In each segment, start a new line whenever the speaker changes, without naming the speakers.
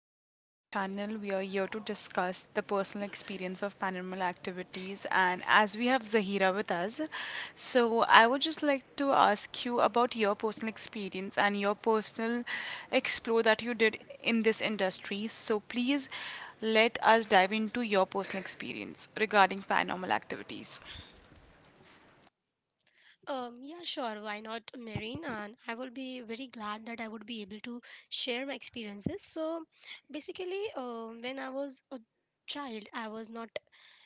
Welcome back to my channel. We are here to discuss the personal experience of paranormal activities, and as we have Zahira with us, so I would just like to ask you about your personal experience and your personal explore that you did in this industry. So please let us dive into your personal experience regarding paranormal activities.
Yeah, sure. Why not, Marine? And I will be very glad that I would be able to share my experiences. So, basically, when I was a child, I was not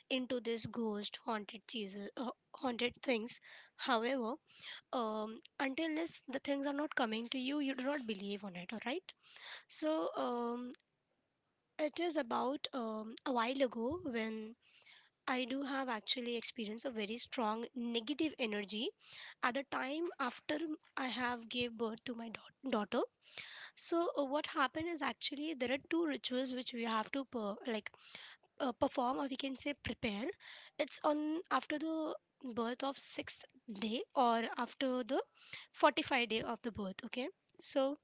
into this ghost haunted cheeses, haunted things. However, until this, the things are not coming to you, you do not believe on it. All right. So, it is about a while ago when I do have actually experienced a very strong negative energy at the time after I have gave birth to my daughter. So what happened is actually there are two rituals which we have to like perform or we can say prepare. It's on after the birth of sixth day or after the 45 day of the birth. Okay. So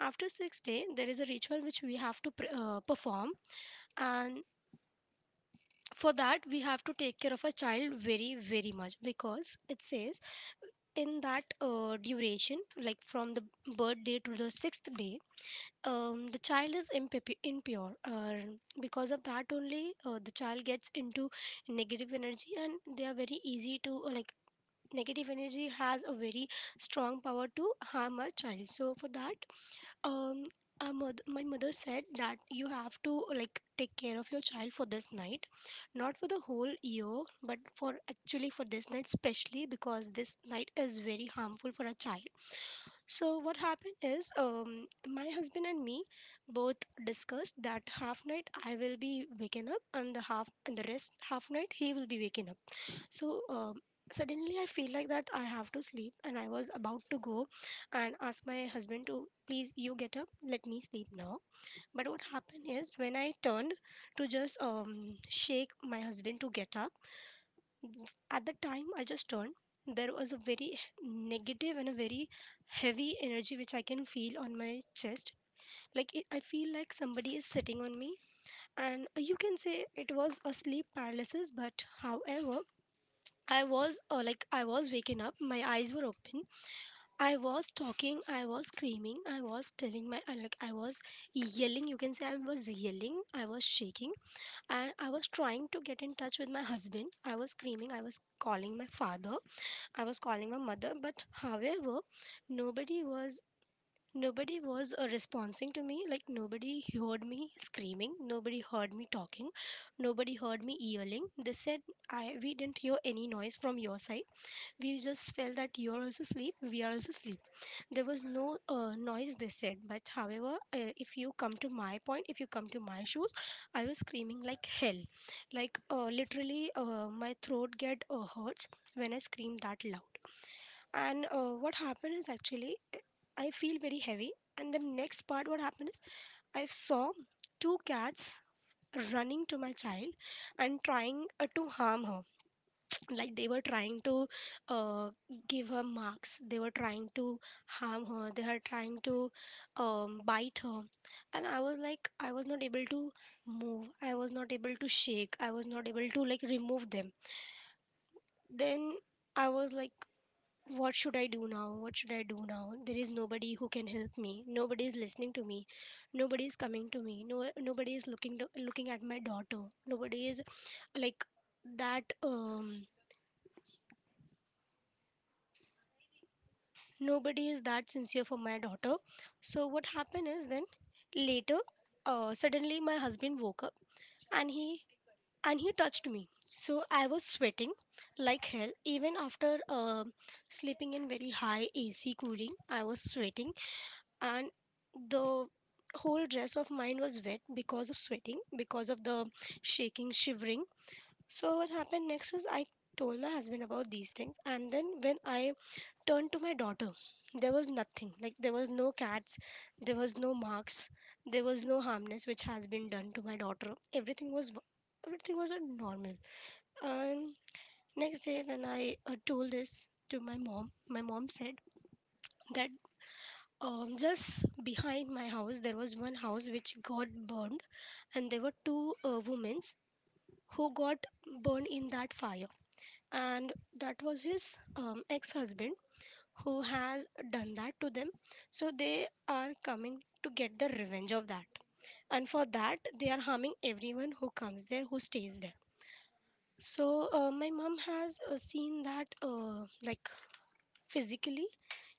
after sixth day there is a ritual which we have to perform, and for that we have to take care of a child very much because it says in that duration like from the birth day to the sixth day the child is impure, because of that only the child gets into negative energy, and they are very easy to, negative energy has a very strong power to harm our child. So for that, um, our my mother said that you have to like take care of your child for this night, not for the whole year, but for actually for this night specially because this night is very harmful for a child. So what happened is, my husband and me both discussed that half night I will be waking up, and the half and the rest half night he will be waking up. So suddenly I feel like that I have to sleep, and I was about to go and ask my husband to please you get up, let me sleep now. But what happened is when I turned to just shake my husband to get up, w- at the time I just turned. There was a very negative and a very heavy energy which I can feel on my chest. Like it, I feel like somebody is sitting on me, and you can say it was a sleep paralysis. But however, I was, I was waking up, my eyes were open. I was talking, I was screaming, I was telling my I like I was yelling. You can say I was yelling, I was shaking, and I was trying to get in touch with my husband. I was screaming, I was calling my father, I was calling my mother, but however, nobody was nobody was responding to me. Like nobody heard me screaming, nobody heard me talking, nobody heard me yelling. They said, I we didn't hear any noise from your side, we just felt that you're also asleep, we are also asleep. There was no noise, they said. But however, if you come to my point, if you come to my shoes, I was screaming like hell. Like literally, my throat get hurts when I scream that loud. And what happened is actually, I feel very heavy. And the next part, what happened is, I saw two cats running to my child and trying to harm her. Like they were trying to uh, give her marks, they were trying to harm her, they are trying to bite her, and I was like I was not able to move, I was not able to shake, I was not able to like remove them. Then I was like, what should I do now, what should I do now? There is nobody who can help me, nobody is listening to me, nobody is coming to me, no nobody is looking at my daughter, nobody is like that nobody is that sincere for my daughter. So what happened is then later, suddenly my husband woke up, and he and he touched me. So I was sweating like hell, even after sleeping in very high AC cooling I was sweating, and the whole dress of mine was wet because of sweating, because of the shaking shivering. So what happened next is, I told my husband about these things, and then when I turned to my daughter, there was nothing. Like there was no cats, there was no marks, there was no harmness which has been done to my daughter. Everything was normal. And next day when I told this to my mom said that just behind my house there was one house which got burned, and there were two women who got burned in that fire, and that was his ex-husband who has done that to them. So they are coming to get the revenge of that. And for that, they are harming everyone who comes there, who stays there. So my mom has seen that, like physically,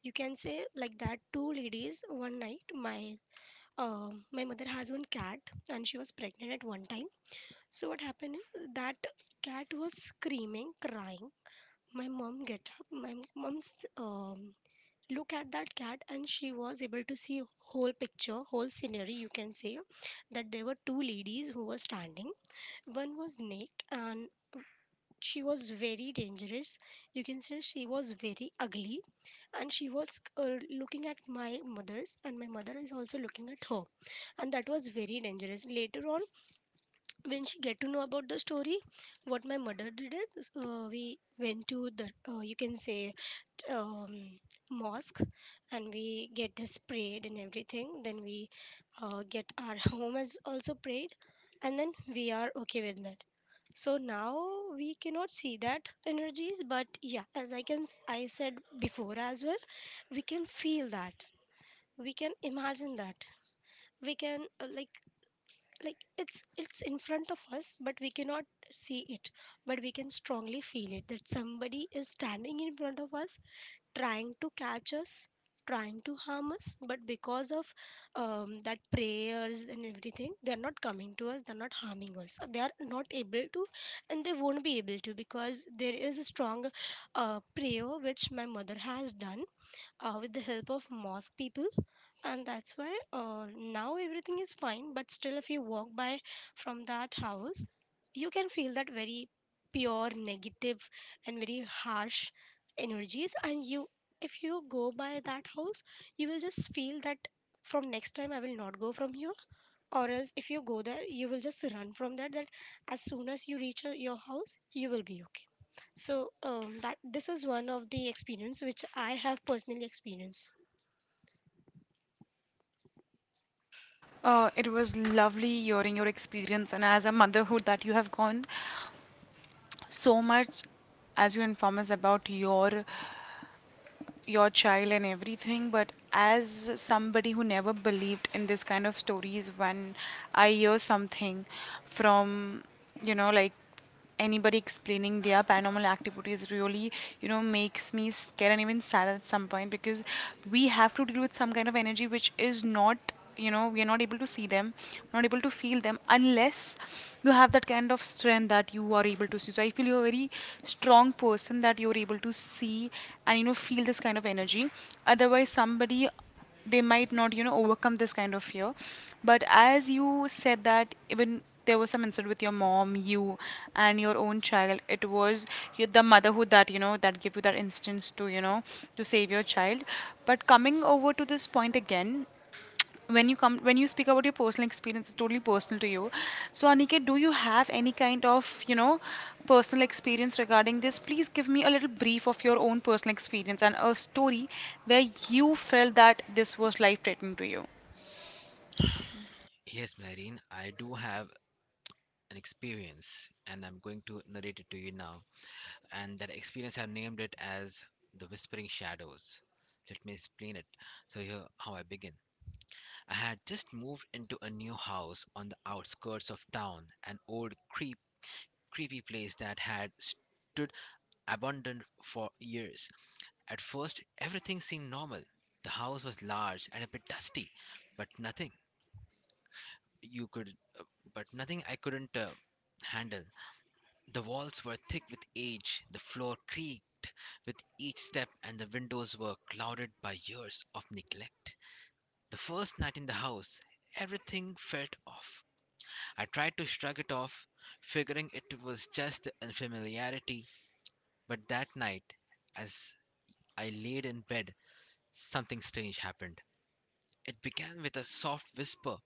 you can say like that. Two ladies one night. My my mother has one cat, and she was pregnant at one time. So what happened is that cat was screaming, crying. My mom get up. My mom's look at that cat, and she was able to see whole picture, whole scenery, you can say, that there were two ladies who were standing. One was naked, and she was very dangerous, you can say she was very ugly, and she was looking at my mother's, and my mother is also looking at her, and that was very dangerous. Later on, when she get to know about the story, what my mother did is, we went to the, you can say, um, mosque, and we get this prayed and everything. Then we get our home is also prayed, and then we are okay with that. So now we cannot see that energies, but yeah, as I said before as well, we can feel that, we can imagine that, we can, like it's in front of us, but we cannot see it, but we can strongly feel it that somebody is standing in front of us trying to catch us, trying to harm us. But because of that prayers and everything, they are not coming to us, they are not harming us. They are not able to, and they won't be able to because there is a strong prayer which my mother has done with the help of mosque people, and that's why now everything is fine. But still, if you walk by from that house, you can feel that very pure negative and very harsh energies. And you, if you go by that house, you will just feel that from next time I will not go from here, or else if you go there, you will just run from that. As soon as you reach your house, you will be okay. So that this is one of the experience which I have personally experienced.
It was lovely hearing your experience, and as a motherhood that you have gone so much, as you inform us about your child and everything. But as somebody who never believed in this kind of stories, when I hear something from, like, anybody explaining their paranormal activities, really makes me scared and even sad at some point. Because we have to deal with some kind of energy which is not, we are not able to see them, not able to feel them unless you have that kind of strength that you are able to see. So I feel you're a very strong person that you're able to see, and feel this kind of energy. Otherwise somebody, they might not overcome this kind of fear. But as you said, that even there was some incident with your mom, you and your own child, it was the motherhood that that give you that instance to to save your child. But coming over to this point again, when you speak about your personal experience, it's totally personal to you. So Aniket, do you have any kind of personal experience regarding this? Please give me a little brief of your own personal experience and a story where you felt that this was life threatening to you.
Yes, Marine, I do have an experience and I'm going to narrate it to you now. And that experience I've named it as the Whispering Shadows. Let me explain it. So, here how I begin. I had just moved into a new house on the outskirts of town, an old, creepy place that had stood abandoned for years. At first, everything seemed normal. The house was large and a bit dusty, but nothing you could, but nothing I couldn't handle. The walls were thick with age, the floor creaked with each step, and the windows were clouded by years of neglect. The first night in the house, everything felt off. I tried to shrug it off, figuring it was just the unfamiliarity, but that night, as I laid in bed, something strange happened. It began with a soft whisper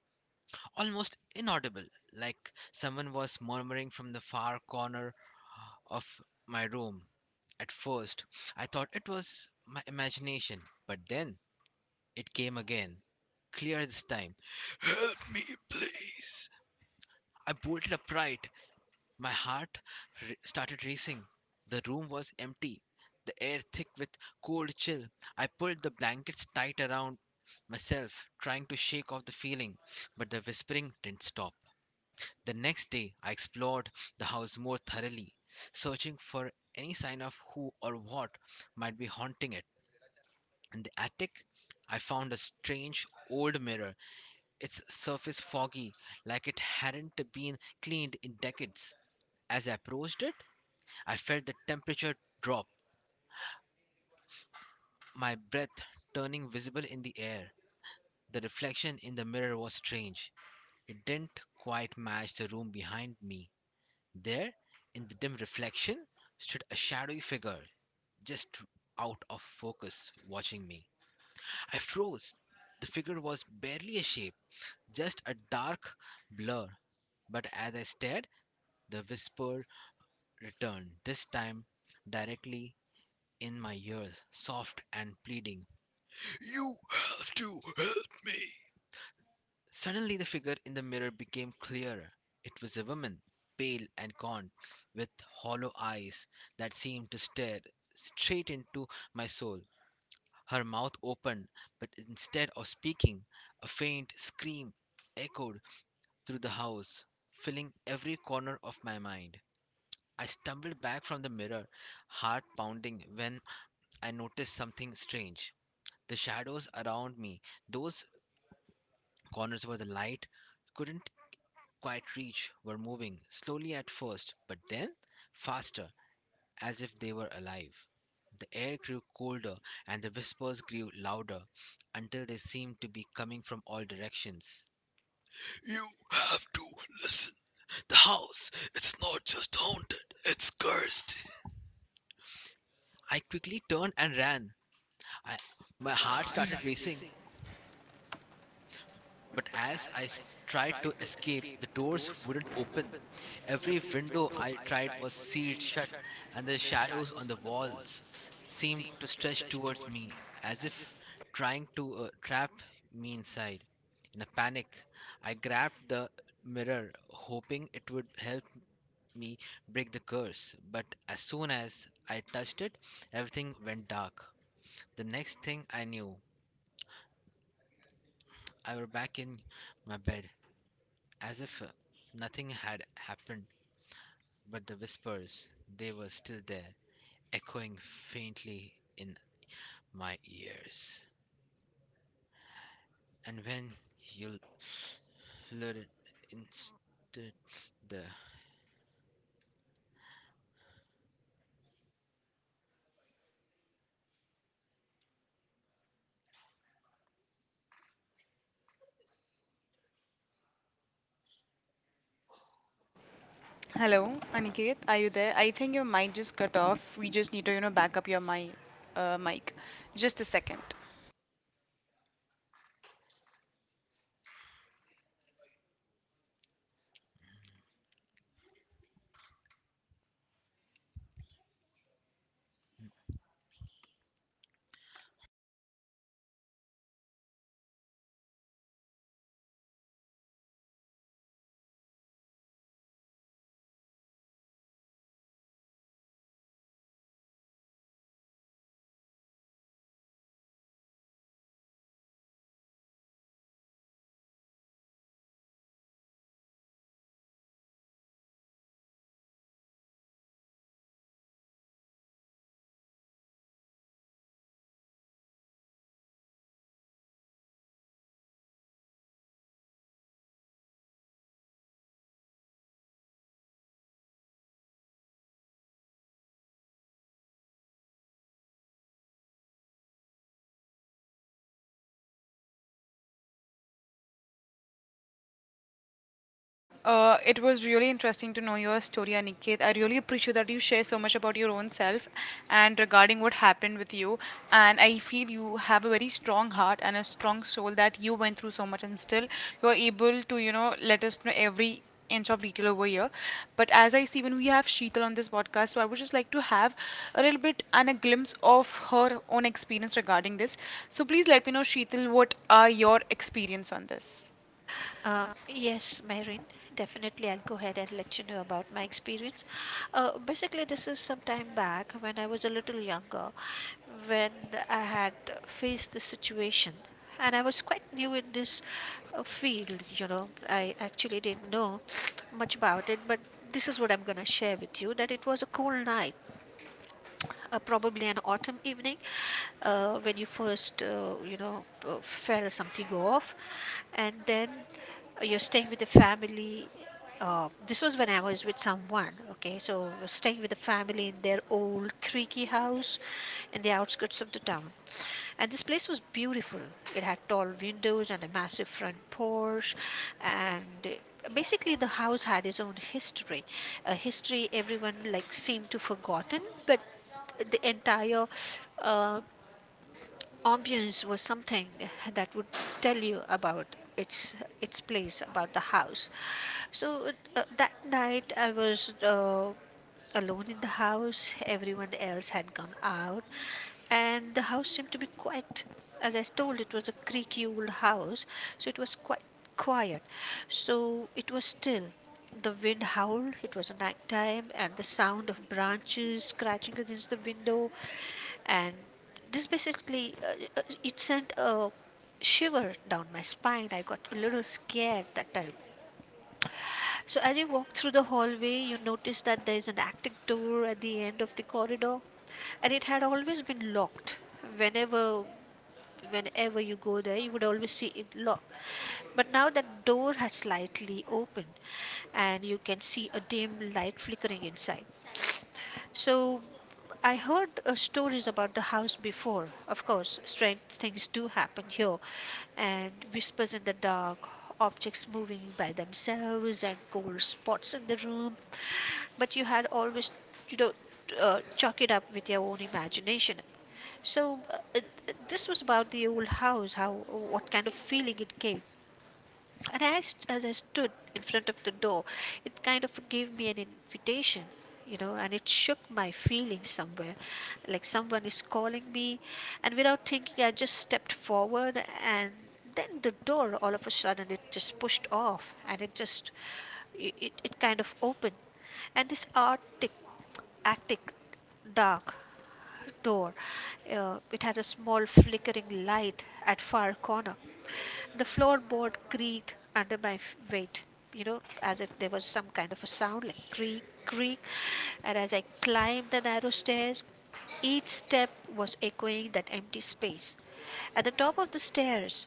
almost inaudible, like someone was murmuring from the far corner of my room. At first, I thought it was my imagination, but then it came again, clear this time. Help me, please! I bolted upright. My heart started racing. The room was empty, the air thick with cold chill. I pulled the blankets tight around myself, trying to shake off the feeling, but the whispering didn't stop. The next day, I explored the house more thoroughly, searching for any sign of who or what might be haunting it. In the attic, I found a strange old mirror, its surface foggy, like it hadn't been cleaned in decades. As I approached it, I felt the temperature drop, my breath turning visible in the air. The reflection in the mirror was strange. It didn't quite match the room behind me. There, in the dim reflection, stood a shadowy figure, just out of focus, watching me. I froze. The figure was barely a shape, just a dark blur. But as I stared, the whisper returned, this time directly in my ears, soft and pleading. You have to help me. Suddenly, the figure in the mirror became clearer. It was a woman, pale and gaunt, with hollow eyes that seemed to stare straight into my soul. Her mouth opened, but instead of speaking, a faint scream echoed through the house, filling every corner of my mind. I stumbled back from the mirror, heart pounding when I noticed something strange. The shadows around me, those corners where the light couldn't quite reach were moving, slowly at first, but then faster, as if they were alive. The air grew colder and the whispers grew louder until they seemed to be coming from all directions. You have to listen. The house, it's not just haunted, it's cursed. I quickly turned and ran. I, my heart started racing. But as tried to escape, the doors wouldn't open. Every window I tried was sealed shut, and the shadows on the walls seemed to stretch towards me as if trying to trap me inside. In a panic, I grabbed the mirror, hoping it would help me break the curse. But as soon as I touched it, everything went dark. The next thing I knew, I were back in my bed, as if nothing had happened, but the whispers, they were still there, echoing faintly in my ears. And when you lured into the
Hello, Aniket, are you there? I think your mic just cut off. We just need to, back up your mic, just a second. It was really interesting to know your story, Aniket. I really appreciate that you share so much about your own self and regarding what happened with you. And I feel you have a very strong heart and a strong soul that you went through so much, and still you're able to, let us know every inch of detail over here. But as I see, when we have Sheetal on this podcast, so I would just like to have a little bit and a glimpse of her own experience regarding this. So please let me know, Sheetal, what are your experience on this?
Yes, Myrin, definitely I'll go ahead and let you know about my experience. Basically, this is some time back when I was a little younger, when I had faced the situation. And I was quite new in this field, you know. I actually didn't know much about it, but this is what I'm going to share with you that it was a cool night, probably an autumn evening, when you first fell something off. And then you're staying with the family. This was when I was with someone, okay? So, I was staying with the family in their old creaky house in the outskirts of the town. And this place was beautiful. It had tall windows and a massive front porch. And basically, the house had its own history, a history everyone like seemed to forgotten, but the entire uh, ambience was something that would tell you about its its place about the house. So that night I was alone in the house. Everyone else had gone out, and the house seemed to be quiet. As I told, it was a creaky old house, so it was quite quiet. So it was still. The wind howled, it was a night time, and the sound of branches scratching against the window. And this basically, it sent a shiver down my spine. I got a little scared that time. So, as you walk through the hallway, you notice that there is an active door at the end of the corridor, and it had always been locked. Whenever, whenever you go there, you would always see it locked. But now that door had slightly opened, and you can see a dim light flickering inside. So I heard stories about the house before. Of course, strange things do happen here, and whispers in the dark, objects moving by themselves, and cold spots in the room. But you had always, you know, chalk it up with your own imagination. So this was about the old house, how what kind of feeling it gave. And as I stood in front of the door, it kind of gave me an invitation, you know, and it shook my feelings somewhere. Like someone is calling me, and without thinking, I just stepped forward, and then the door all of a sudden it just pushed off and it just it kind of opened. And this arctic arctic dark door. It had a small flickering light at far corner. The floorboard creaked under my weight, you know, as if there was some kind of a sound like creak, creak. And as I climbed the narrow stairs, each step was echoing that empty space. At the top of the stairs,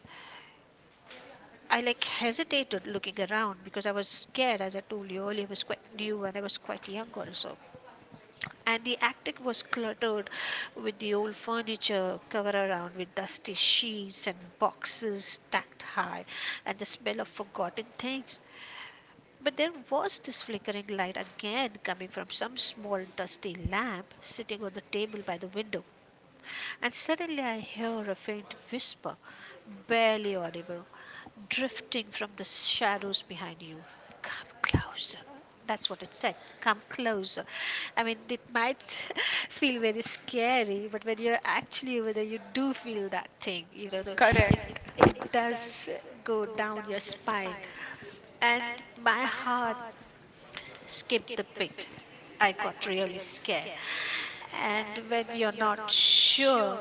I like hesitated looking around because I was scared. As I told you earlier, I was quite new and I was quite young also, and the attic was cluttered with the old furniture covered around with dusty sheets and boxes stacked high, and the smell of forgotten things. But there was this flickering light again coming from some small dusty lamp sitting on the table by the window, and suddenly I hear a faint whisper, barely audible, drifting from the shadows behind you. Come closer. That's what it said. Come closer. I mean, it might feel very scary, but when you're actually over there, you do feel that thing. You know, the, it Correct.
Correct.
It does go down your spine, and my heart skip the pit. I got really scared. And when you're not sure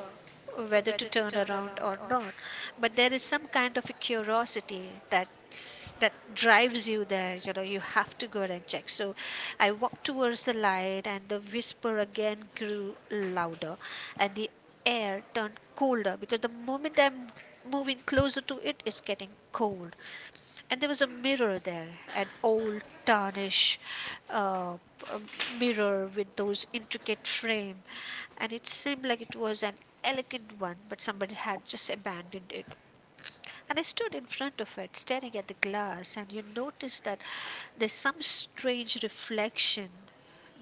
whether to turn around or not, but there is some kind of a curiosity that drives you there. You know, you have to go and check. So I walked towards the light, and the whisper again grew louder, and the air turned colder because the moment I'm moving closer to it, it's getting cold. And there was a mirror there, an old tarnish uh, a mirror with those intricate frame, and it seemed like it was an elegant one, but somebody had just abandoned it. And I stood in front of it, staring at the glass, and you noticed that there's some strange reflection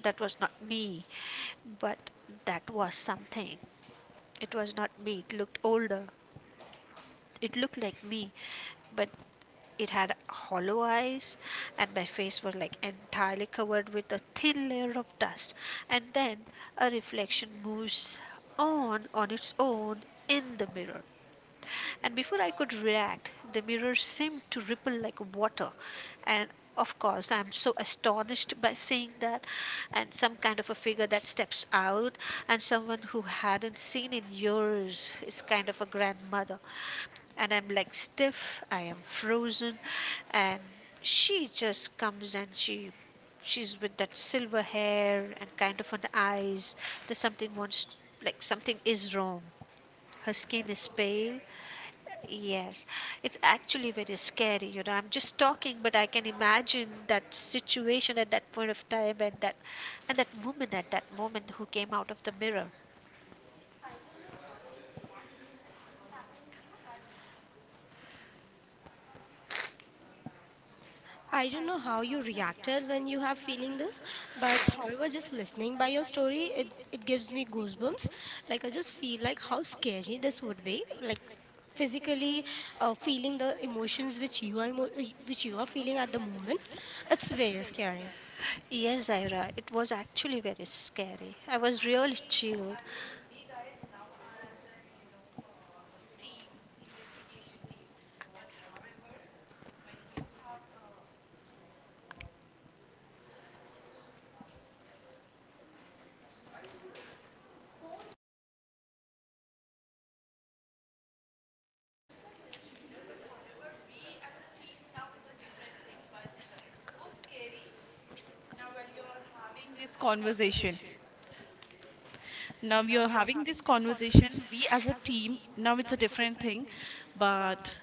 that was not me, but that was something. It was not me. It looked older. It looked like me, but it had hollow eyes, and my face was like entirely covered with a thin layer of dust. And then a reflection moves on its own in the mirror. And before I could react, the mirror seemed to ripple like water. And of course, I'm so astonished by seeing that, and some kind of a figure that steps out, and someone who hadn't seen in years is kind of a grandmother. And I'm like stiff, I am frozen, and she just comes and she's with that silver hair and kind of an eyes that something wants, like something is wrong, her skin is pale. Yes, it's actually very scary. You know, I'm just talking, but I can imagine that situation at that point of time, and that woman at that moment who came out of the mirror.
I don't know how you reacted when you have feeling this, but however, just listening by your story, it gives me goosebumps. Like I just feel like how scary this would be, like physically feeling the emotions which you are which you are feeling at the moment. It's very scary.
Yes, Zaira, it was actually very scary. I was really chilled.
Having this conversation. Now we are having this conversation. We as a team, now it's a different thing. But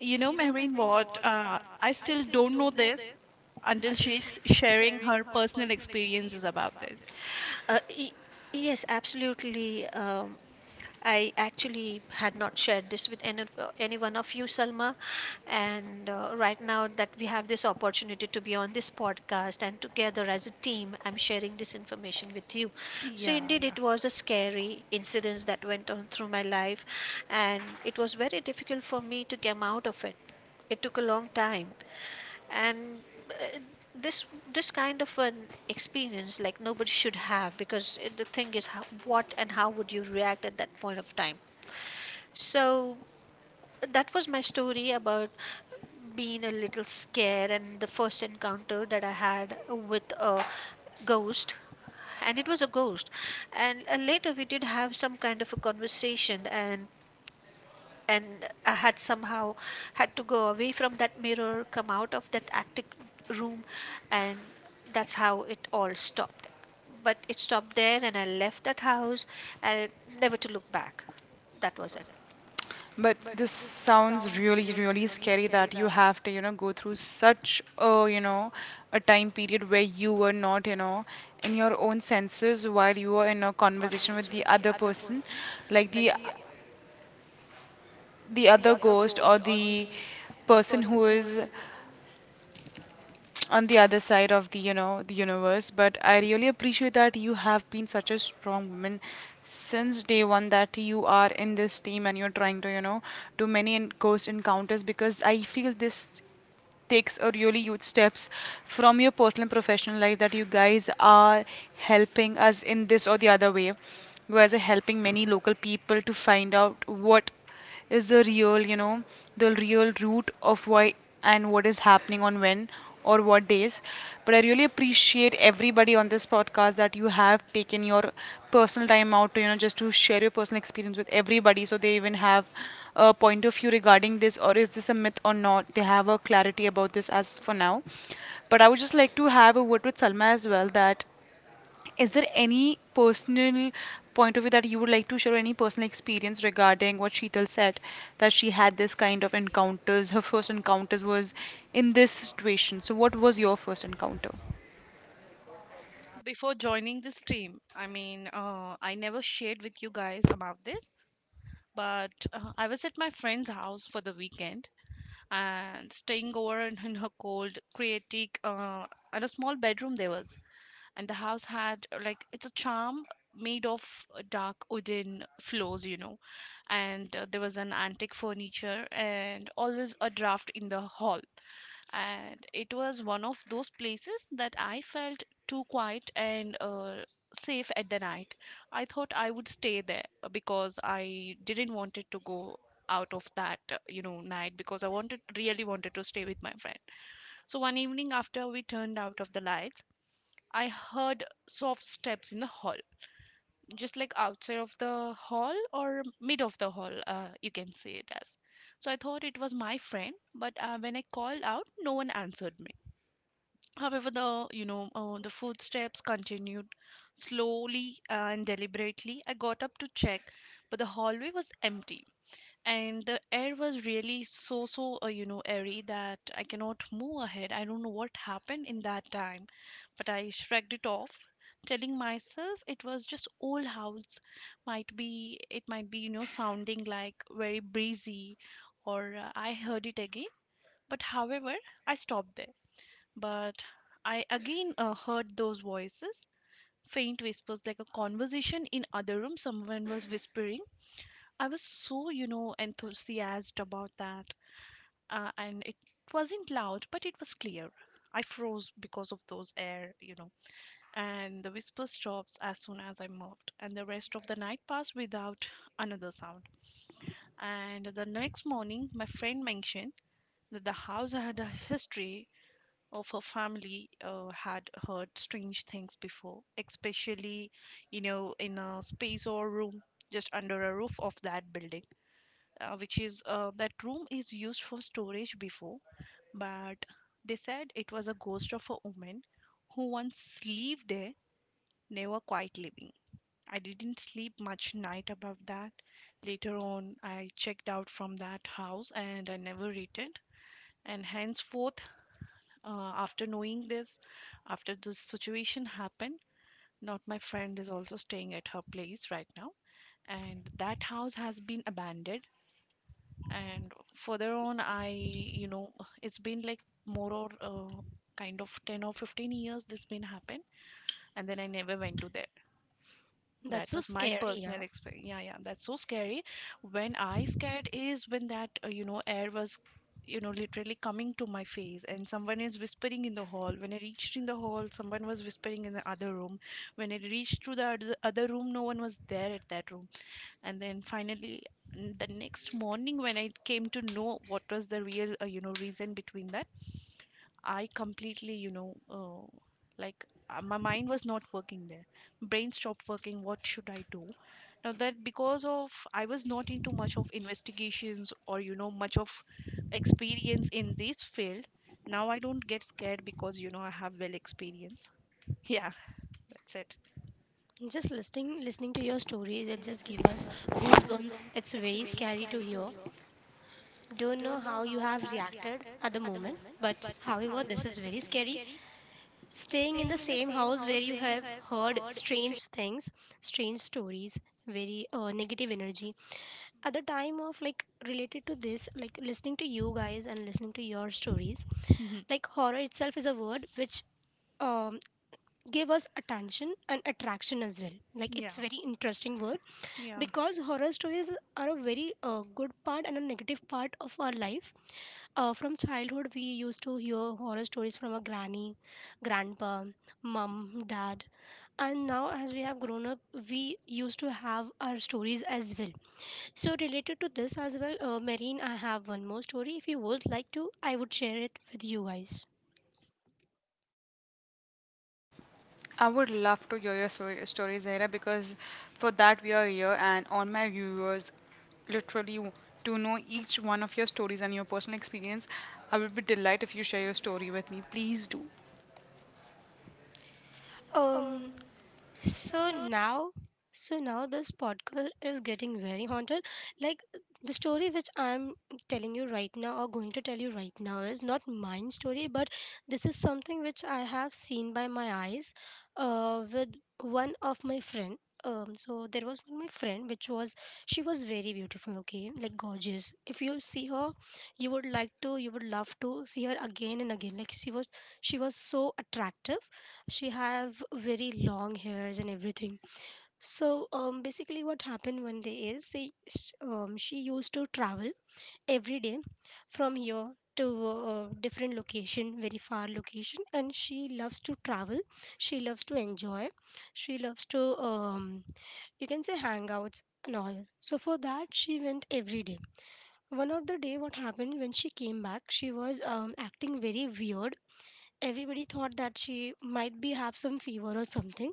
you know, Mehreen, what? I still don't know this until she's sharing her personal experiences about this.
Uh, y- yes, absolutely. I actually had not shared this with any one of you, Salma. And right now that we have this opportunity to be on this podcast and together as a team, I'm sharing this information with you. So,
Yeah,
indeed,
yeah.
it was a scary incident that went on through my life, and it was very difficult for me to come out of it. It took a long time, and uh, this this kind of an experience like nobody should have, because it, the thing is how, what and how would you react at that point of time. So that was my story about being a little scared and the first encounter that I had with a ghost. And it was a ghost. And later we did have some kind of a conversation, and I had somehow had to go away from that mirror, come out of that attic room, and that's how it all stopped. But it stopped there, and I left that house, and never to look back. That was it.
But this sounds really, really scary that you have to, go through such a, a time period where you were not, in your own senses while you were in a conversation with the other person, like the other ghost or the person who is on the other side of the the universe. But I really appreciate that you have been such a strong woman since day one that you are in this team, and you're trying to, do many ghost encounters, because I feel this takes a really huge steps from your personal and professional life, that you guys are helping us in this, or the other way you guys are helping many local people to find out what is the real, the real root of why and what is happening on when or what days. But I really appreciate everybody on this podcast that you have taken your personal time out to, just to share your personal experience with everybody, so they even have a point of view regarding this, or is this a myth or not. They have a clarity about this as for now. But I would just like to have a word with Salma as well, that is there any personal point of view that you would like to share, or any personal experience regarding what Sheetal said, that she had this kind of encounters? Her first encounters was in this situation. So, what was your first encounter?
Before joining this team, I mean, I never shared with you guys about this, but I was at my friend's house for the weekend and staying over in her cold, creative, and a small bedroom there was. And the house had like it's a charm made of dark wooden floors, you know, and there was an antique furniture and always a draft in the hall. And it was one of those places that I felt too quiet and safe at the night. I thought I would stay there because I didn't wanted to go out of that night, because I wanted really wanted to stay with my friend. So one evening after we turned out of the lights, I heard soft steps in the hall, just like outside of the hall or mid of the hall, you can say it as. So I thought it was my friend, but when I called out, no one answered me. However, the you know the footsteps continued slowly and deliberately. I got up to check, but the hallway was empty, and the air was really so airy that I cannot move ahead. I don't know what happened in that time, but I shrugged it off, telling myself it was just old house. Might be, it might be, you know, sounding like very breezy. Or I heard it again. But however, I stopped there. But I again heard those voices, faint whispers like a conversation in other room. Someone was whispering. I was so, you know, enthusiastic about that. And it wasn't loud, but it was clear. I froze because of those air, you know, and the whisper stops as soon as I moved. And the rest of the night passed without another sound. And the next morning, my friend mentioned that the house had a history. Of her family, had heard strange things before, especially, you know, in a space or room just under a roof of that building, which is that room is used for storage before. But they said it was a ghost of a woman who once lived there, never quite living. I didn't sleep much night about that. Later on, I checked out from that house and I never returned. And henceforth, after knowing this, after this situation happened, not my friend is also staying at her place right now. And that house has been abandoned. And further on, I, you know, it's been like more or kind of 10 or 15 years this been happened, and then I never went to there.
That's
That
so
was my
scary. Yeah.
personal experience. Yeah, yeah, that's so scary. When I scared is when that air was, you know, literally coming to my face and someone is whispering in the hall. When I reached in the hall, someone was whispering in the other room. When I reached to the other room, no one was there at that room. And then finally, the next morning when I came to know what was the real you know reason between that, I completely, you know, like my mind was not working there. Brain stopped working. What should I do now? That, because of, I was not into much of investigations or you know much of experience in this field. Now I don't get scared because you know I have well experience. Yeah, that's it.
Just listening to your stories, it just give us goosebumps. It's very scary to hear. Don't know how you have reacted at the moment, but however, this is very scary. Staying in the same house where you have heard strange things, strange stories, very negative energy. At the time of like related to this, like listening to you guys and listening to your stories, like horror itself is a word which um, give us attention and attraction as well. Like
Yeah.
it's very interesting word
Yeah.
because horror stories are a very good part and a negative part of our life. From childhood we used to hear horror stories from our granny, grandpa, mom, dad, and now as we have grown up, we used to have our stories as well. So related to this as well, Marine, I have one more story. If you would like to, I would share it with you guys.
I would love to hear your story, Zahira, because for that we are here, and all my viewers literally to know each one of your stories and your personal experience. I would be delighted if you share your story with me. Please do.
um So now, so now this podcast is getting very haunted. Like the story which I'm telling you right now, or going to tell you right now, is not mine story, but this is something which I have seen by my eyes, with one of my friend. So there was my friend, which was she was very beautiful, okay, like gorgeous. If you see her, you would love to see her again and again. Like she was so attractive, she have very long hairs and everything. So basically what happened 1 day is she used to travel every day from here to different location, very far location, and she loves to travel, she loves to enjoy, she loves to you can say hangouts and all. So for that she went every day. One of the day what happened, when she came back she was acting very weird. Everybody thought that she might be have some fever or something.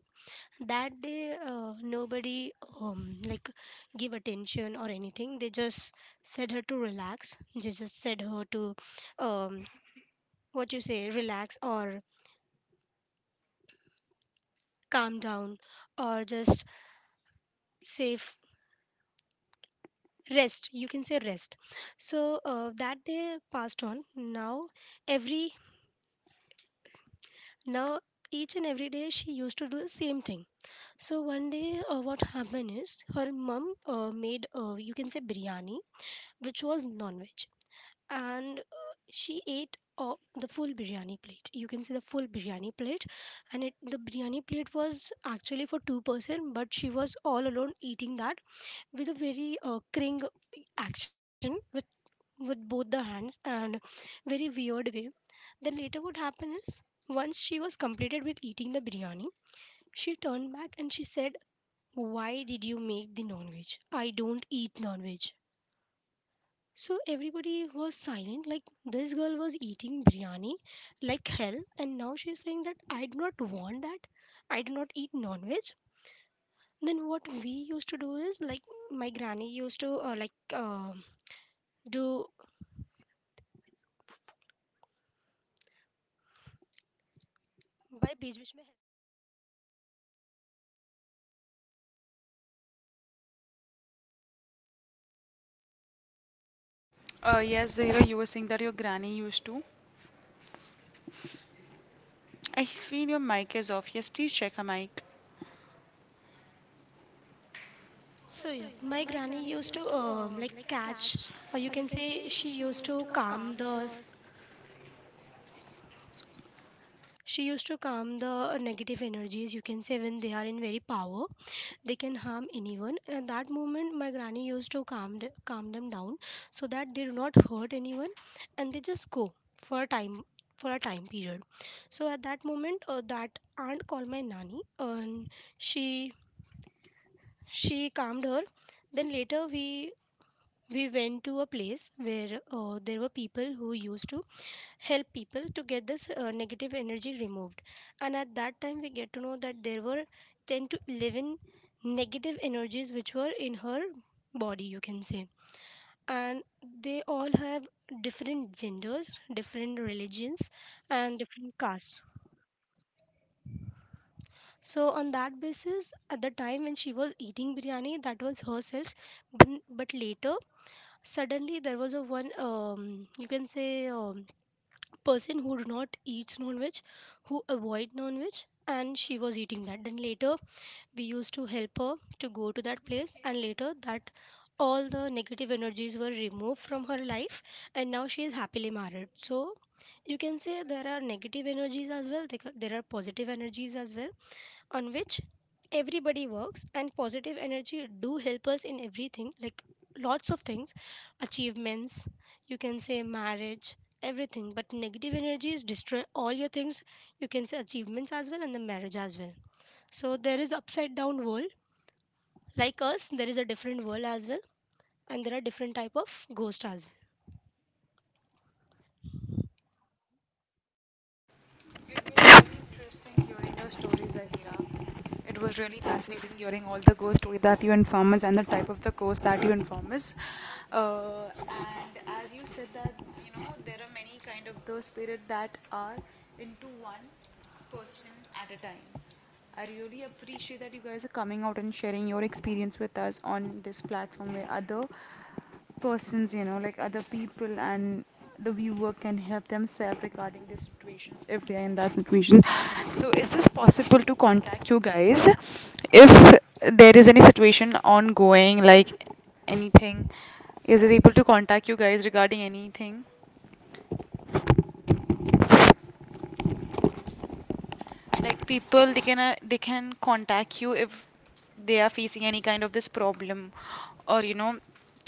That day nobody like give attention or anything, they just said her to relax, they just said her to um, what you say, relax or calm down or just safe, rest, you can say rest. So that day passed on. Now every, now each and every day she used to do the same thing. So 1 day what happened is her mum made you can say biryani, which was non-veg. And she ate, the full biryani plate, you can see the full biryani plate. And it, the biryani plate was actually for two person, but she was all alone eating that, with a very cring action, with both the hands and very weird way. Then later what happened is, once she was completed with eating the biryani, she turned back and she said, why did you make the non-veg? I don't eat non-veg. So everybody was silent, like this girl was eating biryani like hell, and now she's saying that I do not want that. I do not eat non veg. Then what we used to do is like my granny used to like do by beach beach.
Yes, Zahira, you were saying that your granny used to. I feel your mic is off. Yes, please check a mic.
So yeah, my granny used to like catch, or you can say she used to calm the, she used to calm the negative energies. You can say when they are in very power they can harm anyone. At that moment my granny used to calm the, calm them down so that they do not hurt anyone, and they just go for a time, for a time period. So at that moment that aunt called my nanny and she she calmed her. Then later we went to a place where there were people who used to help people to get this negative energy removed. And at that time we get to know that there were 10 to 11 negative energies which were in her body, you can say. And they all have different genders, different religions, and different castes. So on that basis, at the time when she was eating biryani, that was herself, but later suddenly there was a one you can say person who do not eats non-veg, who avoid non-veg, and she was eating that. Then later we used to help her to go to that place, and later that all the negative energies were removed from her life, and now she is happily married. So you can say there are negative energies as well, there there are positive energies as well, on which everybody works, and positive energy do help us in everything, like lots of things, achievements, you can say marriage, everything. But negative energies destroy all your things, you can say achievements as well and the marriage as well. So there is upside down world, like us there is a different world as well, and there are different type of ghost as well.
It was really interesting hearing your stories, Zahira. It was really fascinating hearing all the ghost story that you inform us and the type of the ghost that you inform us. And as you said that, there are many kind of those spirit that are into one person at a time. I really appreciate that you guys are coming out and sharing your experience with us on this platform where other persons, like other people and the viewer can help themselves regarding the situations if they are in that situation. So, is this possible to contact you guys if there is any situation ongoing, like anything? Is it able to contact you guys regarding anything? Like people, they can, they can contact you if they are facing any kind of this problem, or,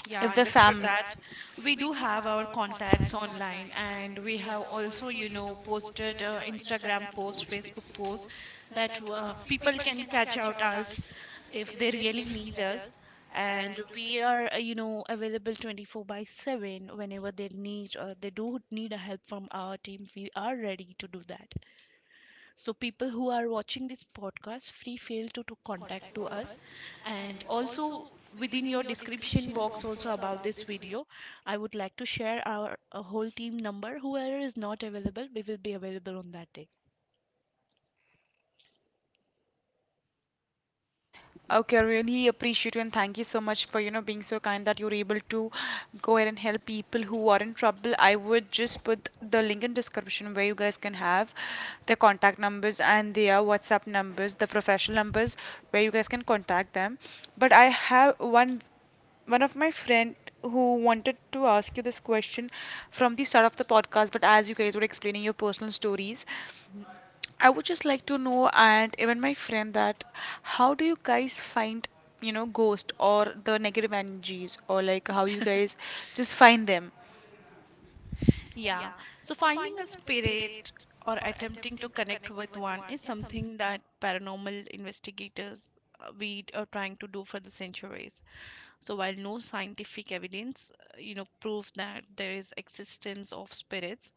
Yeah,
if the
understood
family.
that. We do have our contacts online, and we have also, you know, posted Instagram posts, Facebook posts, that people can catch out us if they really need us. And we are, you know, available 24 by 7 whenever they need or they do need a help from our team. We are ready to do that. So people who are watching this podcast free feel to contact to us. And also within your description box also about this video, I would like to share our whole team number. Whoever is not available, we will be available on that day.
Okay, I really appreciate you and thank you so much for, being so kind that you're able to go ahead and help people who are in trouble. I would just put the link in description where you guys can have their contact numbers and their WhatsApp numbers, the professional numbers where you guys can contact them. But I have one of my friend who wanted to ask you this question from the start of the podcast, but as you guys were explaining your personal stories, I would just like to know, and even my friend, that how do you guys find, ghost or the negative energies, or like how you guys just find them?
Yeah, so finding a spirit or attempting to connect with one is something that paranormal investigators, we are trying to do for the centuries. So while no scientific evidence, you know, prove that there is existence of spirits,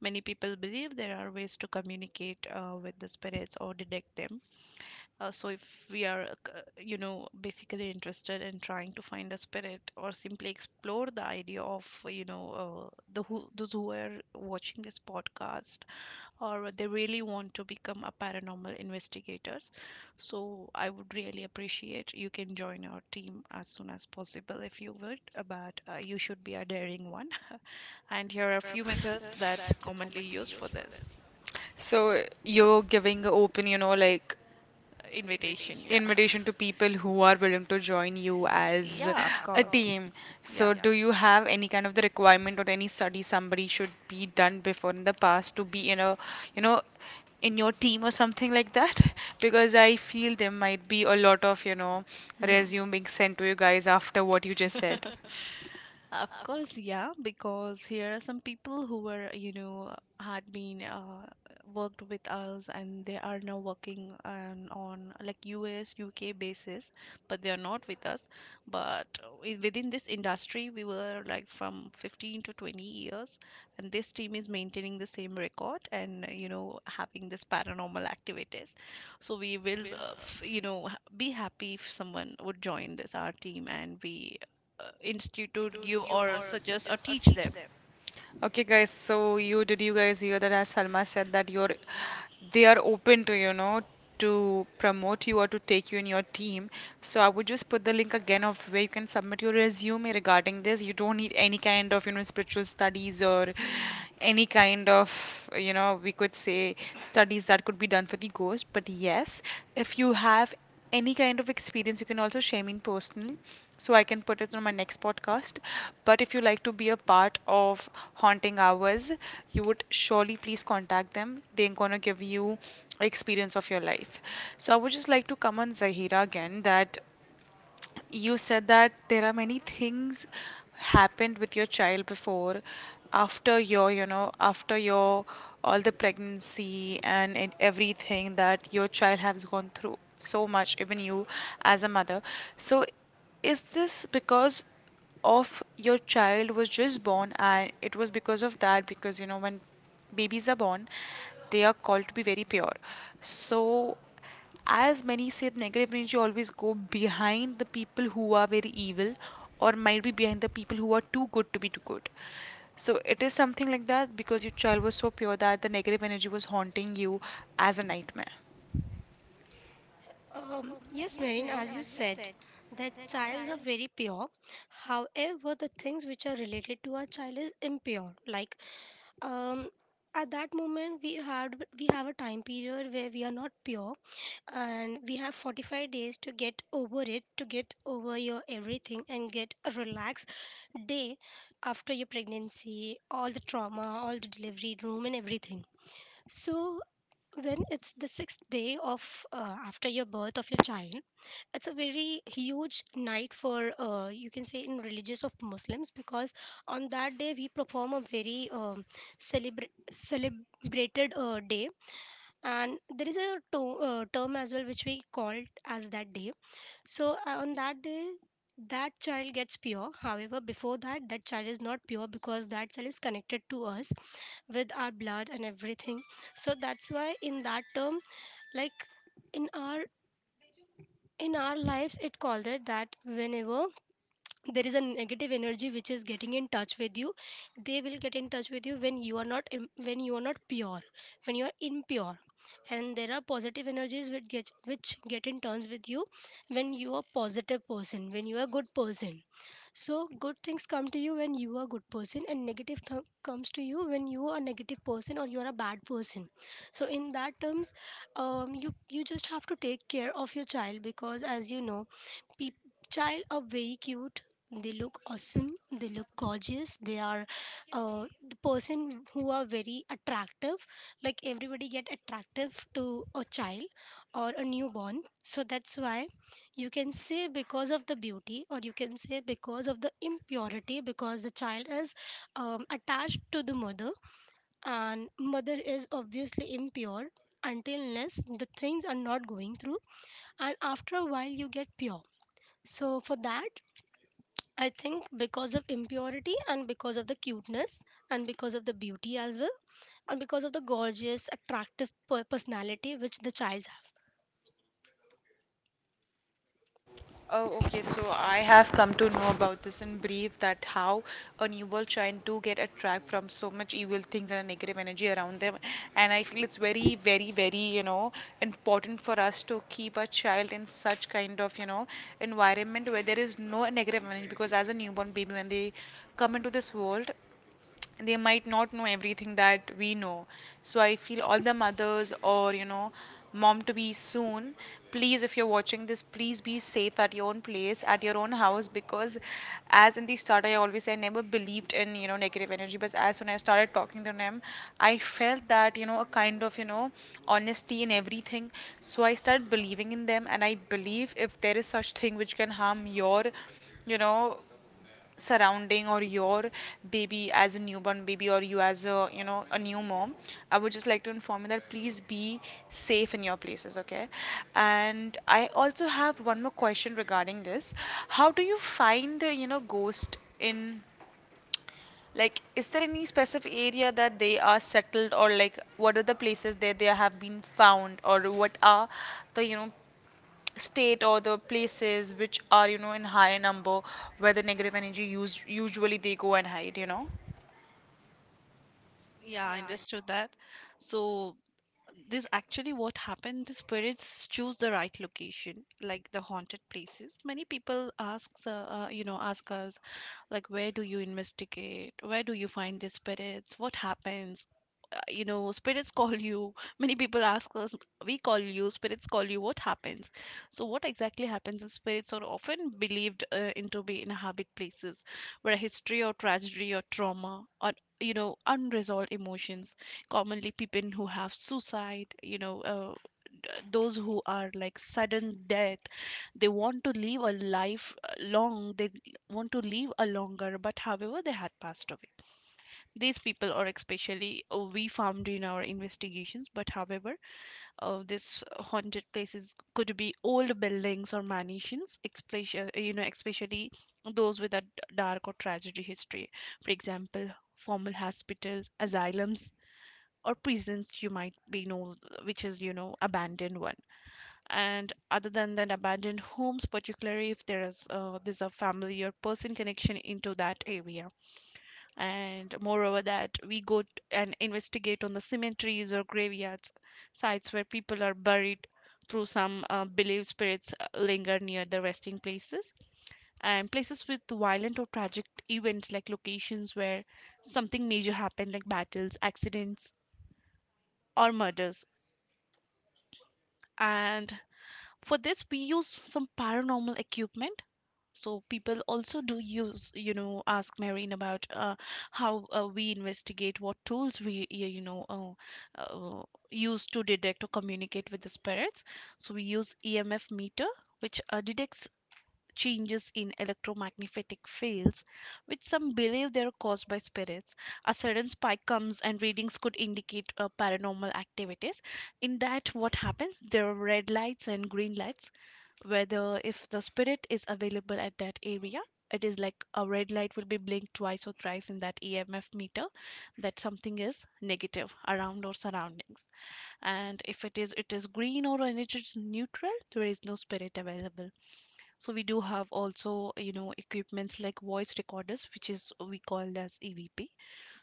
many people believe there are ways to communicate with the spirits or detect them. So if we are, you know, basically interested in trying to find a spirit or simply explore the idea of, you know, the who, those who are watching this podcast or they really want to become a paranormal investigators, so I would really appreciate you can join our team as soon as possible if you would, but you should be a daring one. And here are a few methods that commonly used for this.
So you're giving open, like,
Invitation, yeah.
invitation to people who are willing to join you as
Yeah, of
a
course.
team. So,
Yeah.
do you have any kind of the requirement, or any study somebody should be done before in the past to be in a, you know, in your team or something like that? Because I feel there might be a lot of,
Mhm.
resume being sent to you guys after what you just said.
Of course, yeah, because here are some people who were, you know, had been worked with us, and they are now working on like US, UK basis, but they are not with us. Within this industry, we were like from 15 to 20 years, and this team is maintaining the same record and, you know, having this paranormal activities. So we will, f you know, be happy if someone would join this our team, and we institute give or suggest or teach them.
Okay, guys. So you guys hear that? As Salma said, that you're they are open to, to promote you or to take you in your team. So I would just put the link again of where you can submit your resume regarding this. You don't need any kind of spiritual studies, or any kind of, we could say, studies that could be done for the ghost. But yes, if you have any kind of experience, you can also share me in personal, so I can put it on my next podcast. But if you like to be a part of Haunting Hours, you would surely please contact them. They're gonna give you experience of your life. So I would just like to come on Zahira again, that you said that there are many things happened with your child before, after your, after your all the pregnancy and everything, that your child has gone through so much, even you as a mother. So, is this because of your child was just born, and it was because of that, because when babies are born, they are called to be very pure, so as many say, negative energy always go behind the people who are very evil, or might be behind the people who are too good to be too good. So it is something like that, because your child was so pure that the negative energy was haunting you as a nightmare.
Yes, Marine, as you said that childs are very pure, however the things which are related to our child is impure. Like um at that moment we had, we have a time period where we are not pure, and we have 45 days to get over it, to get over your everything and get a relaxed day after your pregnancy, all the trauma, all the delivery room and everything. So when it's the sixth day of, after your birth of your child, it's a very huge night for, you can say, in religious of Muslims, because on that day we perform a very celebrated day. And there is a term as well which we called as that day. So on that day, that child gets pure. However, before that, that child is not pure because that child is connected to us with our blood and everything. So that's why in that term, like in our, in our lives, it called it that whenever there is a negative energy which is getting in touch with you, they will get in touch with you when you are not when you are not pure, when you are impure. And there are positive energies which get, which get in touch with you when you are positive person, when you are good person. So good things come to you when you are good person, and negative comes to you when you are negative person or you are a bad person. So in that terms, you, you just have to take care of your child, because as you know, peop child are very cute, they look awesome, they look gorgeous, they are uh, the person who are very attractive, like everybody get attractive to a child or a newborn. So that's why you can say because of the beauty, or you can say because of the impurity, because the child is attached to the mother, and mother is obviously impure until unless the things are not going through, and after a while you get pure. So for that I think, because of impurity and because of the cuteness and because of the beauty as well, and because of the gorgeous, attractive personality which the childs have.
Oh, okay. So I have come to know about this in brief, that how a newborn child do get attract from so much evil things and negative energy around them. And I feel it's very important for us to keep a child in such kind of, environment where there is no negative energy, because as a newborn baby, when they come into this world, they might not know everything that we know. So I feel all the mothers, or mom to be soon, please, if you're watching this, please be safe at your own place, at your own house. Because as in the start, I always say I never believed in negative energy, but as soon as I started talking to them, I felt that a kind of honesty in everything. So I started believing in them, and I believe if there is such thing which can harm your you know surrounding or your baby as a newborn baby, or you as a a new mom, I would just like to inform you that please be safe in your places, okay. And I also have one more question regarding this. How do you find ghost in, like, is there any specific area that they are settled, or like, what are the places that they have been found, or what are the state or the places which are in higher number, where the negative energy use usually they go and hide? You know.
Yeah, I understood that. So this actually what happened, the spirits choose the right location, like the haunted places. Many people asks you know, ask us, like, where do you investigate, where do you find the spirits, what happens. You know, spirits call you. Many people ask us, we call you, spirits call you, what happens. So what exactly happens is spirits are often believed into be inhabit places where history or tragedy or trauma or you know unresolved emotions, commonly people who have suicide, you know, those who are like sudden death. They want to live a life long. They want to live a longer, but however they had passed away. These people are especially, we found in our investigations. But however, this haunted places could be old buildings or mansions, especially especially those with a dark or tragedy history. For example, formal hospitals, asylums, or prisons, you might be know, which is, you know, abandoned one. And other than that, abandoned homes, particularly if there is there's a family or person connection into that area. And moreover that, we go and investigate on the cemeteries or graveyards, sites where people are buried through, some believed spirits linger near the resting places. And places with violent or tragic events, like locations where something major happened, like battles, accidents, or murders. And for this, we use some paranormal equipment. So people also do use, you know, ask marine about how we investigate, what tools we you know use to detect or communicate with the spirits. So we use EMF meter, which detects changes in electromagnetic fields, which some believe they are caused by spirits. A sudden spike comes and readings could indicate paranormal activities. In that, what happens? There are red lights and green lights, whether if the spirit is available at that area. It is like a red light will be blinked twice or thrice in that EMF meter, that something is negative around or surroundings. And if it is, it is green, or when it is neutral, there is no spirit available. So we do have also, you know, equipments like voice recorders, which is we called as EVP.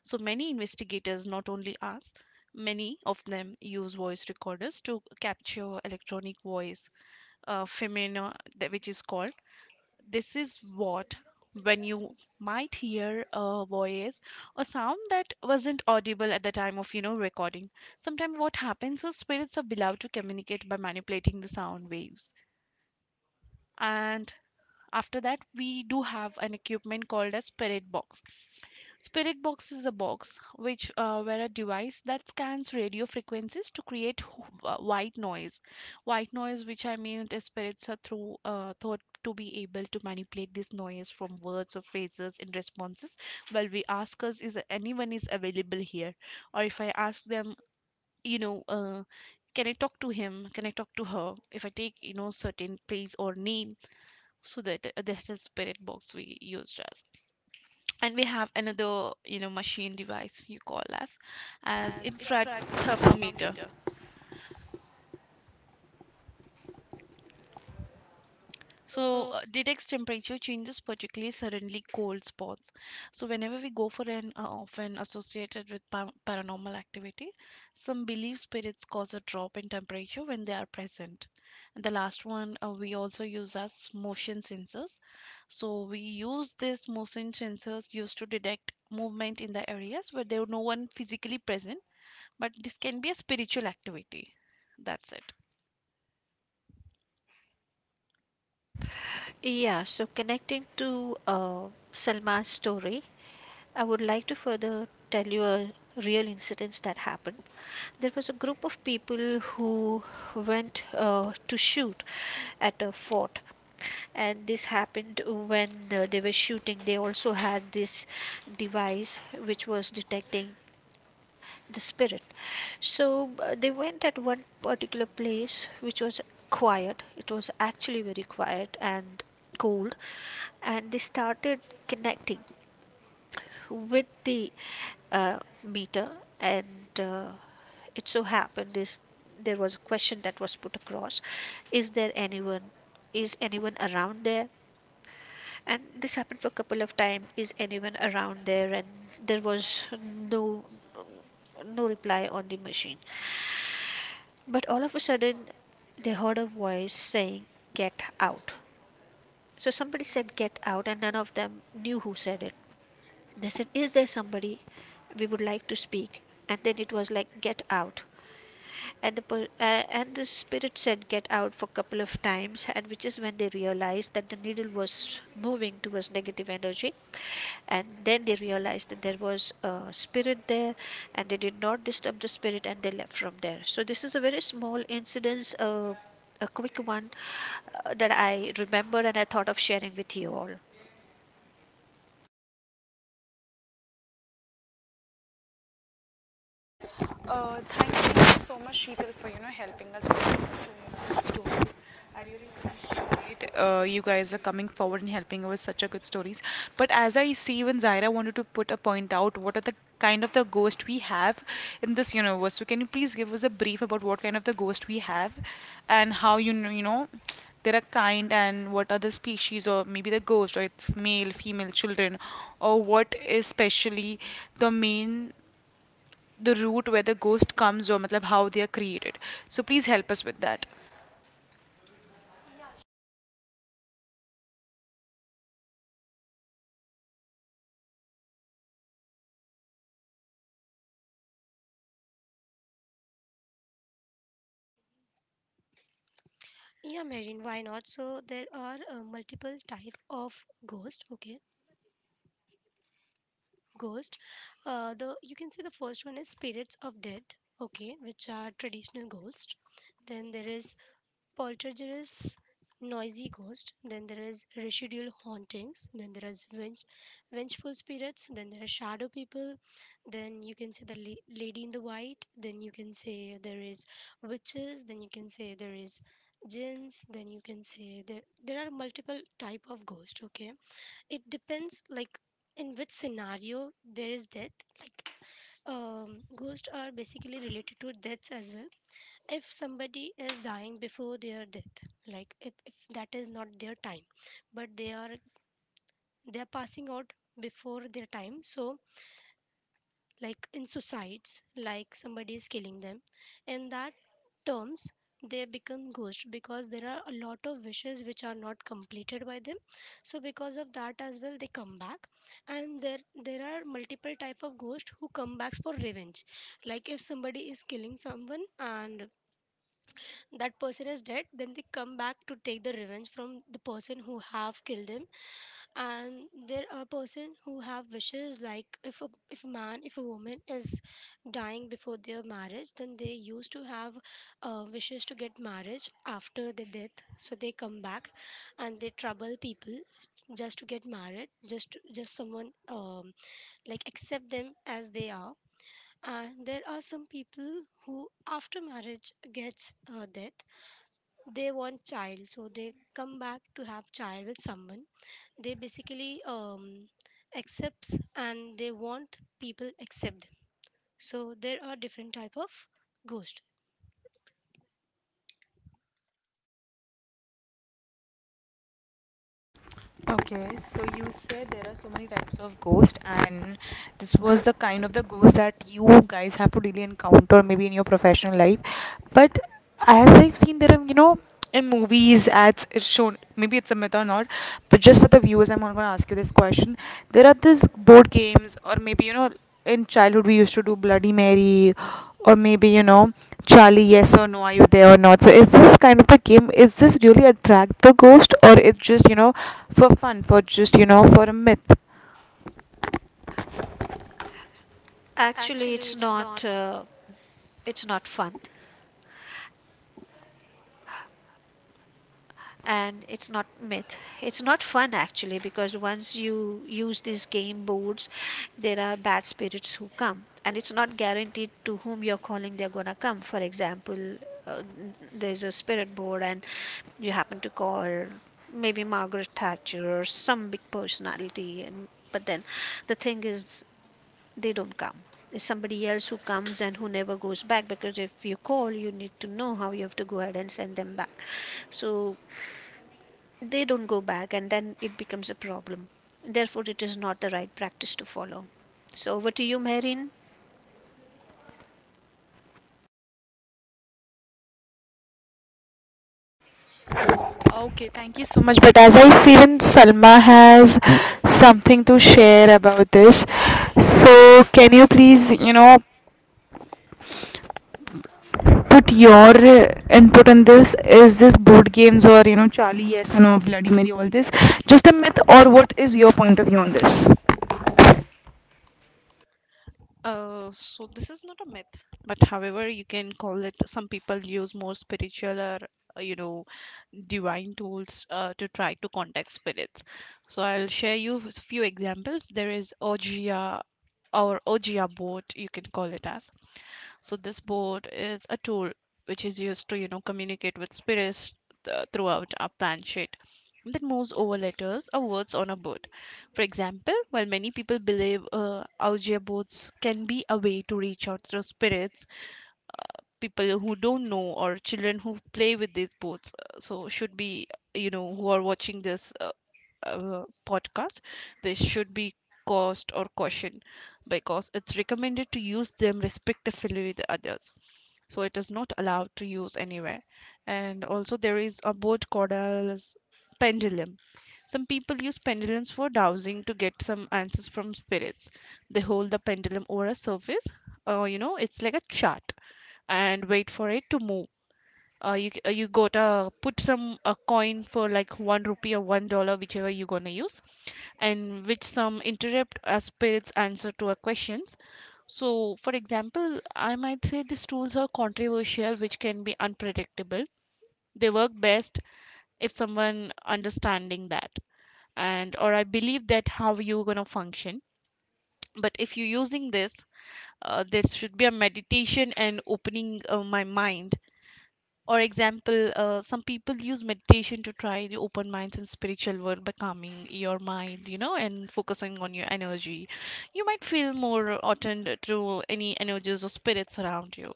So many investigators, not only us, many of them use voice recorders to capture electronic voice phenomena, that- which is called. This is what, when you might hear a voice or sound that wasn't audible at the time of, you know, recording. Sometimes what happens is spirits are allowed to communicate by manipulating the sound waves. And after that, we do have an equipment called as Spirit Box. Spirit Box is a box which where a device that scans radio frequencies to create white noise. White noise, which I mean, is spirits are through thought to be able to manipulate this noise from words or phrases in responses. Well, we ask us, is anyone is available here, or if I ask them, you know. Can I talk to him? Can I talk to her? If I take, certain place or name, so that's the spirit box we used as. And we have another machine device you call as infrared thermometer. Detects temperature changes, particularly suddenly cold spots. So, whenever we go for an often associated with paranormal activity, some believe spirits cause a drop in temperature when they are present. And the last one we also use as motion sensors. So, we use these motion sensors used to detect movement in the areas where there no one physically present, but this can be a spiritual activity. That's it.
Yeah, so connecting to Salma's story, I would like to further tell you a real incident that happened. There was a group of people who went to shoot at a fort, and this happened when they were shooting. They also had this device which was detecting the spirit. So they went at one particular place which was quiet. It was actually very quiet and cold, and they started connecting with the meter. And it so happened is there was a question that was put across: is there anyone, is anyone around there? And this happened for a couple of times: is anyone around there? And there was no no reply on the machine, but all of a sudden they heard a voice saying, "Get out." So somebody said, "Get out," and none of them knew who said it. They said, "Is there somebody we would like to speak?" And then it was like, "Get out." And the spirit said, "Get out," for a couple of times, and which is when they realized that the needle was moving towards negative energy. And then they realized that there was a spirit there, and they did not disturb the spirit and they left from there. So, this is a very small incident. A quick one that I remembered and I thought of sharing with you all.
Thank you so much, Sheetal, for helping us with such good stories. I really appreciate you guys are coming forward and helping us with such a good stories. But as I see, even Zaira wanted to put a point out. What are the kind of the ghost we have in this universe? So can you please give us a brief about what kind of the ghost we have, and how there are kind, and what are the species, or maybe the ghost, or it's male, female, children, or what is specially the main the route where the ghost comes, or matlab, how they are created. So please help us with that.
Yeah, Marine, why not? So there are multiple type of ghost. Okay, ghost. The you can say the first one is spirits of dead. Okay, which are traditional ghosts. Then there is poltergeists, noisy ghost. Then there is residual hauntings. Then there is vengeful spirits. Then there are shadow people. Then you can say the lady in the white. Then you can say there is witches. Then you can say there is jinns. Then you can say there, there are multiple type of ghost. Okay, it depends like in which scenario there is death. Like ghosts are basically related to deaths as well. If somebody is dying before their death, like if that is not their time, but they are, they are passing out before their time. So like in suicides, like somebody is killing them, in that terms they become ghost because there are a lot of wishes which are not completed by them. So because of that as well they come back. And there are multiple type of ghosts who come back for revenge. Like if somebody is killing someone and that person is dead, then they come back to take the revenge from the person who have killed him. And there are person who have wishes, like if a man, if a woman is dying before their marriage, then they used to have wishes to get marriage after the death. So they come back and they trouble people just to get married, just just someone like accept them as they are. And there are some people who after marriage gets death, they want child, so they come back to have child with someone. They basically accepts and they want people accept them. So there are different type of ghost.
Okay, so you said there are so many types of ghost, and this was the kind of the ghost that you guys have to really encounter, maybe in your professional life. But as I've seen, there are in movies ads it's shown. Maybe it's a myth or not, but just for the viewers, I'm not going to ask you this question. There are these board games, or maybe in childhood we used to do Bloody Mary, or maybe Charlie yes or no, are you there or not. So is this kind of a game, is this really attract the ghost, or it's just for fun, for just for a myth.
Actually, it's not fun, and it's not myth. It's not fun actually, because once you use these game boards, there are bad spirits who come, and it's not guaranteed to whom you're calling they're gonna come. For example, uh, there's a spirit board and you happen to call maybe Margaret Thatcher or some big personality, and but then the thing is they don't come. It's somebody else who comes and who never goes back, because if you call, you need to know how you have to go ahead and send them back. So they don't go back, and then it becomes a problem. Therefore, it is not the right practice to follow. So over to you, Merin.
Okay, thank you so much. But as I see, even Salma has something to share about this. So can you please put your input on this. Is this board games, or Charlie yes or no, Bloody Mary, all this just a myth, or what is your point of view on this?
So this is not a myth, but however, you can call it. Some people use more spiritual or uh, you know, divine tools to try to contact spirits. So I'll share you with few examples. There is Ojia or Ojia boat, you can call it as. So this board is a tool which is used to, you know, communicate with spirits throughout our planet sheet that moves over letters or words on a board. For example, while many people believe Ouija boards can be a way to reach out to spirits, people who don't know or children who play with these boards, so should be, you know, who are watching this, podcast, they should be caused or cautioned because it's recommended to use them respectively with others. So it is not allowed to use anywhere. And also, there is a board called as pendulum. Some people use pendulums for dowsing to get some answers from spirits. They hold the pendulum over a surface, you know, it's like a chart, and wait for it to move you gotta put some a coin for like one rupee or $1 whichever you gonna use, and which some interrupt a spirit's answer to our questions. So for example, I might say these tools are controversial, which can be unpredictable. They work best if someone understanding that, and or I believe that how you're gonna function. But if you're using this, there should be a meditation and opening my mind. Or example, some people use meditation to try the open minds and spiritual world by calming your mind, you know, and focusing on your energy. You might feel more attuned to any energies or spirits around you.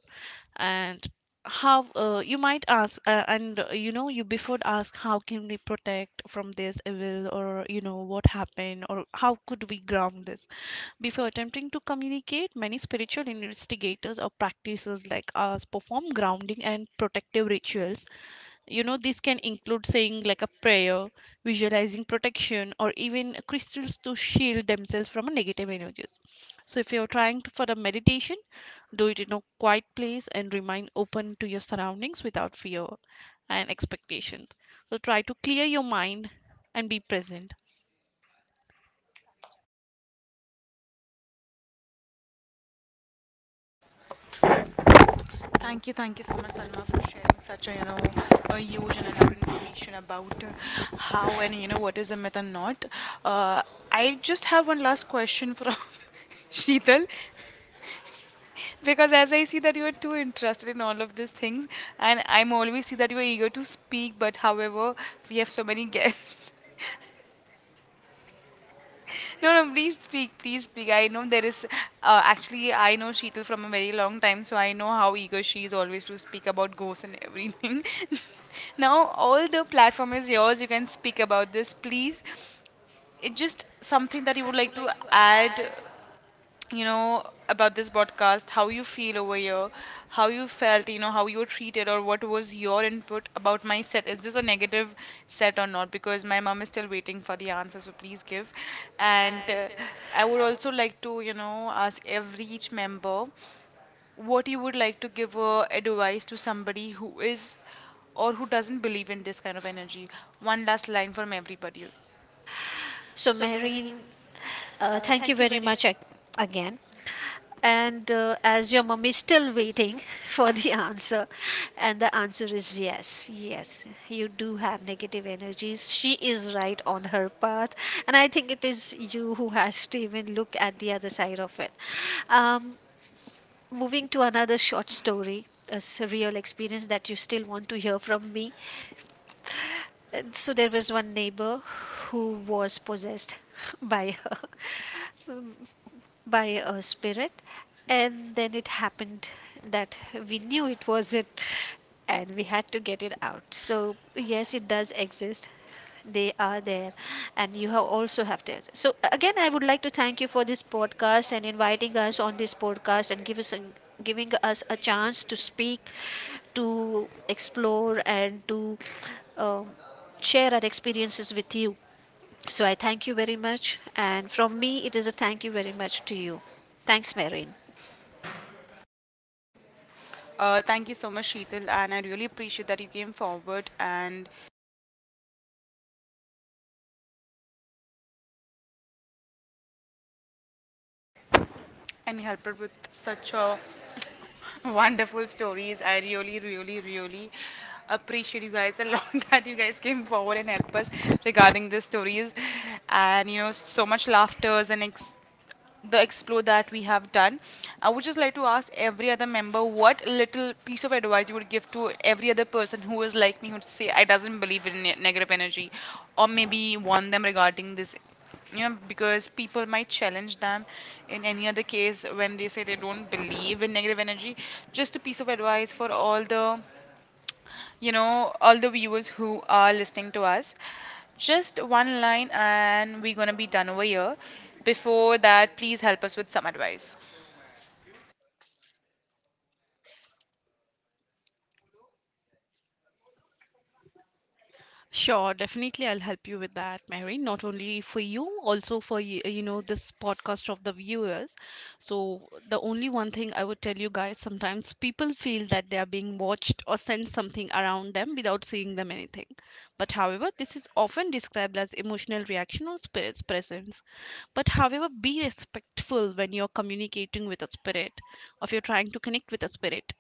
And how you might ask, you before ask, how can we protect from this evil, or you know, what happened, or how could we ground this? Before attempting to communicate, many spiritual investigators or practitioners like us perform grounding and protective rituals. You know, this can include saying like a prayer, visualizing protection, or even crystals to shield themselves from negative energies. So, if you're trying to, for a meditation, do it in a quiet place and remain open to your surroundings without fear and expectations. So, try to clear your mind and be present.
Thank you so much, Salma, for sharing such a a huge and elaborate information about how and what is a myth and not. Uh, I just have one last question from Sheetal, because as I see that you are too interested in all of these things, and I'm always see that you are eager to speak, but however, we have so many guests. No, no, please speak, please speak. I know there is, actually, I know Sheetal from a very long time, so I know how eager she is always to speak about ghosts and everything. Now, all the platform is yours. You can speak about this, please. It's just something that you would like to add, about this podcast, how you feel over here, how you felt, how you were treated, or what was your input about my set. Is this a negative set or not? Because my mom is still waiting for the answer, so please give. And I would also like to ask every each member what you would like to give advice to somebody who is, or who doesn't believe in this kind of energy. One last line from everybody.
So, Merin, thank you very much again. And as your mummy is still waiting for the answer, and the answer is yes, yes, you do have negative energies. She is right on her path, and I think it is you who has to even look at the other side of it. Um, Moving to another short story, a surreal experience that you still want to hear from me. And so there was one neighbor who was possessed by her by a spirit, and then it happened that we knew it wasn't, and we had to get it out. So yes, it does exist, they are there, and you have also have to. So again, I would like to thank you for this podcast and inviting us on this podcast and giving us a chance to speak, to explore, and to um, share our experiences with you. So I thank you very much. And from me, it is a thank you very much to you. Thanks, Marin.
Thank you so much, Sheetal, and I really appreciate that you came forward and helped with such a wonderful stories. I really, really, really appreciate you guys a lot that you guys came forward and helped us regarding the stories, and so much laughters and the explore that we have done. I would just like to ask every other member what little piece of advice you would give to every other person who is like me, who would say I doesn't believe in negative energy, or maybe warn them regarding this. You know, because people might challenge them in any other case when they say they don't believe in negative energy. Just a piece of advice for all the all the viewers who are listening to us. Just one line, and we're gonna be done over here. Before that, please help us with some advice.
Sure, definitely I'll help you with that, Mary. Not only for you, also for you, you know, this podcast of the viewers. So, the only one thing I would tell you guys, sometimes people feel that they are being watched or sense something around them without seeing them anything. But however, this is often described as emotional reaction or spirit's presence. But however, be respectful when you're communicating with a spirit, or if you're trying to connect with a spirit.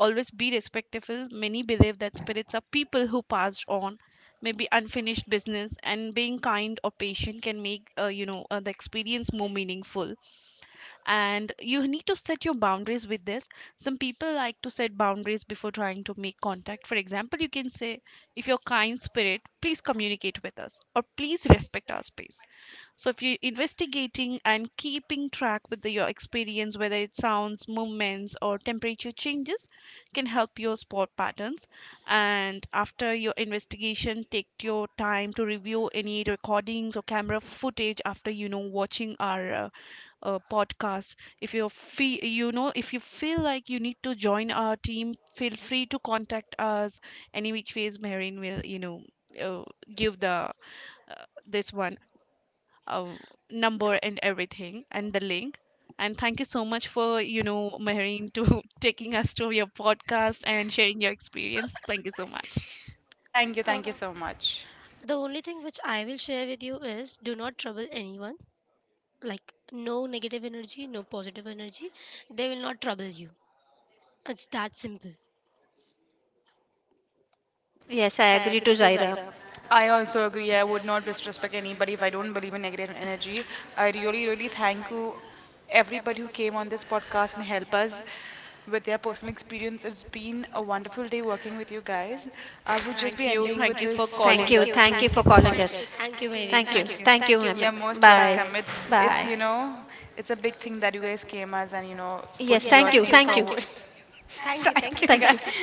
Always be respectful. Many believe that spirits are people who passed on, maybe unfinished business, and being kind or patient can make the experience more meaningful. And you need to set your boundaries with this. Some people like to set boundaries before trying to make contact. For example, you can say, "If you're kind spirit, please communicate with us, or please respect our space." So if you're investigating and keeping track with your experience, whether it's sounds, movements, or temperature changes, can help you spot patterns. And after your investigation, take your time to review any recordings or camera footage after watching our podcast. If you feel if you feel like you need to join our team, feel free to contact us. Any which ways, Marin will uh, give the this one uh,
the,
number and everything and the link. And thank you so much for, you know, Mehreen, to taking us to your podcast and sharing your experience. Thank you so much.
Thank you
uh,
so much.
the only thing which I will share with you is, do not trouble anyone. Like no negative energy, no positive energy, they will not trouble you. It's that simple.
Yes, I agree to Zaira.
I also agree. I would not disrespect anybody if I don't believe in negative energy. I really, really thank you, everybody who came on this podcast and help us with their personal experience. It's been a wonderful day working with you guys. I would just be
Thank you.
ending with thank
Thank
you for
you for
this. Thank
calling
calling
You.
you.
us
Thank
to
you for
Us.
calling
Thank you,
us.
thank you Marine,
Thank you.
thank you.
Thank you,
You're
ma'am. Yeah,
most
bye.
welcome. It's
Thanks.
it's you.
Bye.
Bye. Know, it's a big thing that you guys came as and put
Yes,
your
thank you.
thing
Thank you.
forward.
Thank you,
Thank
thank you
you
Mary.
guys.
Thank you.
Thank you.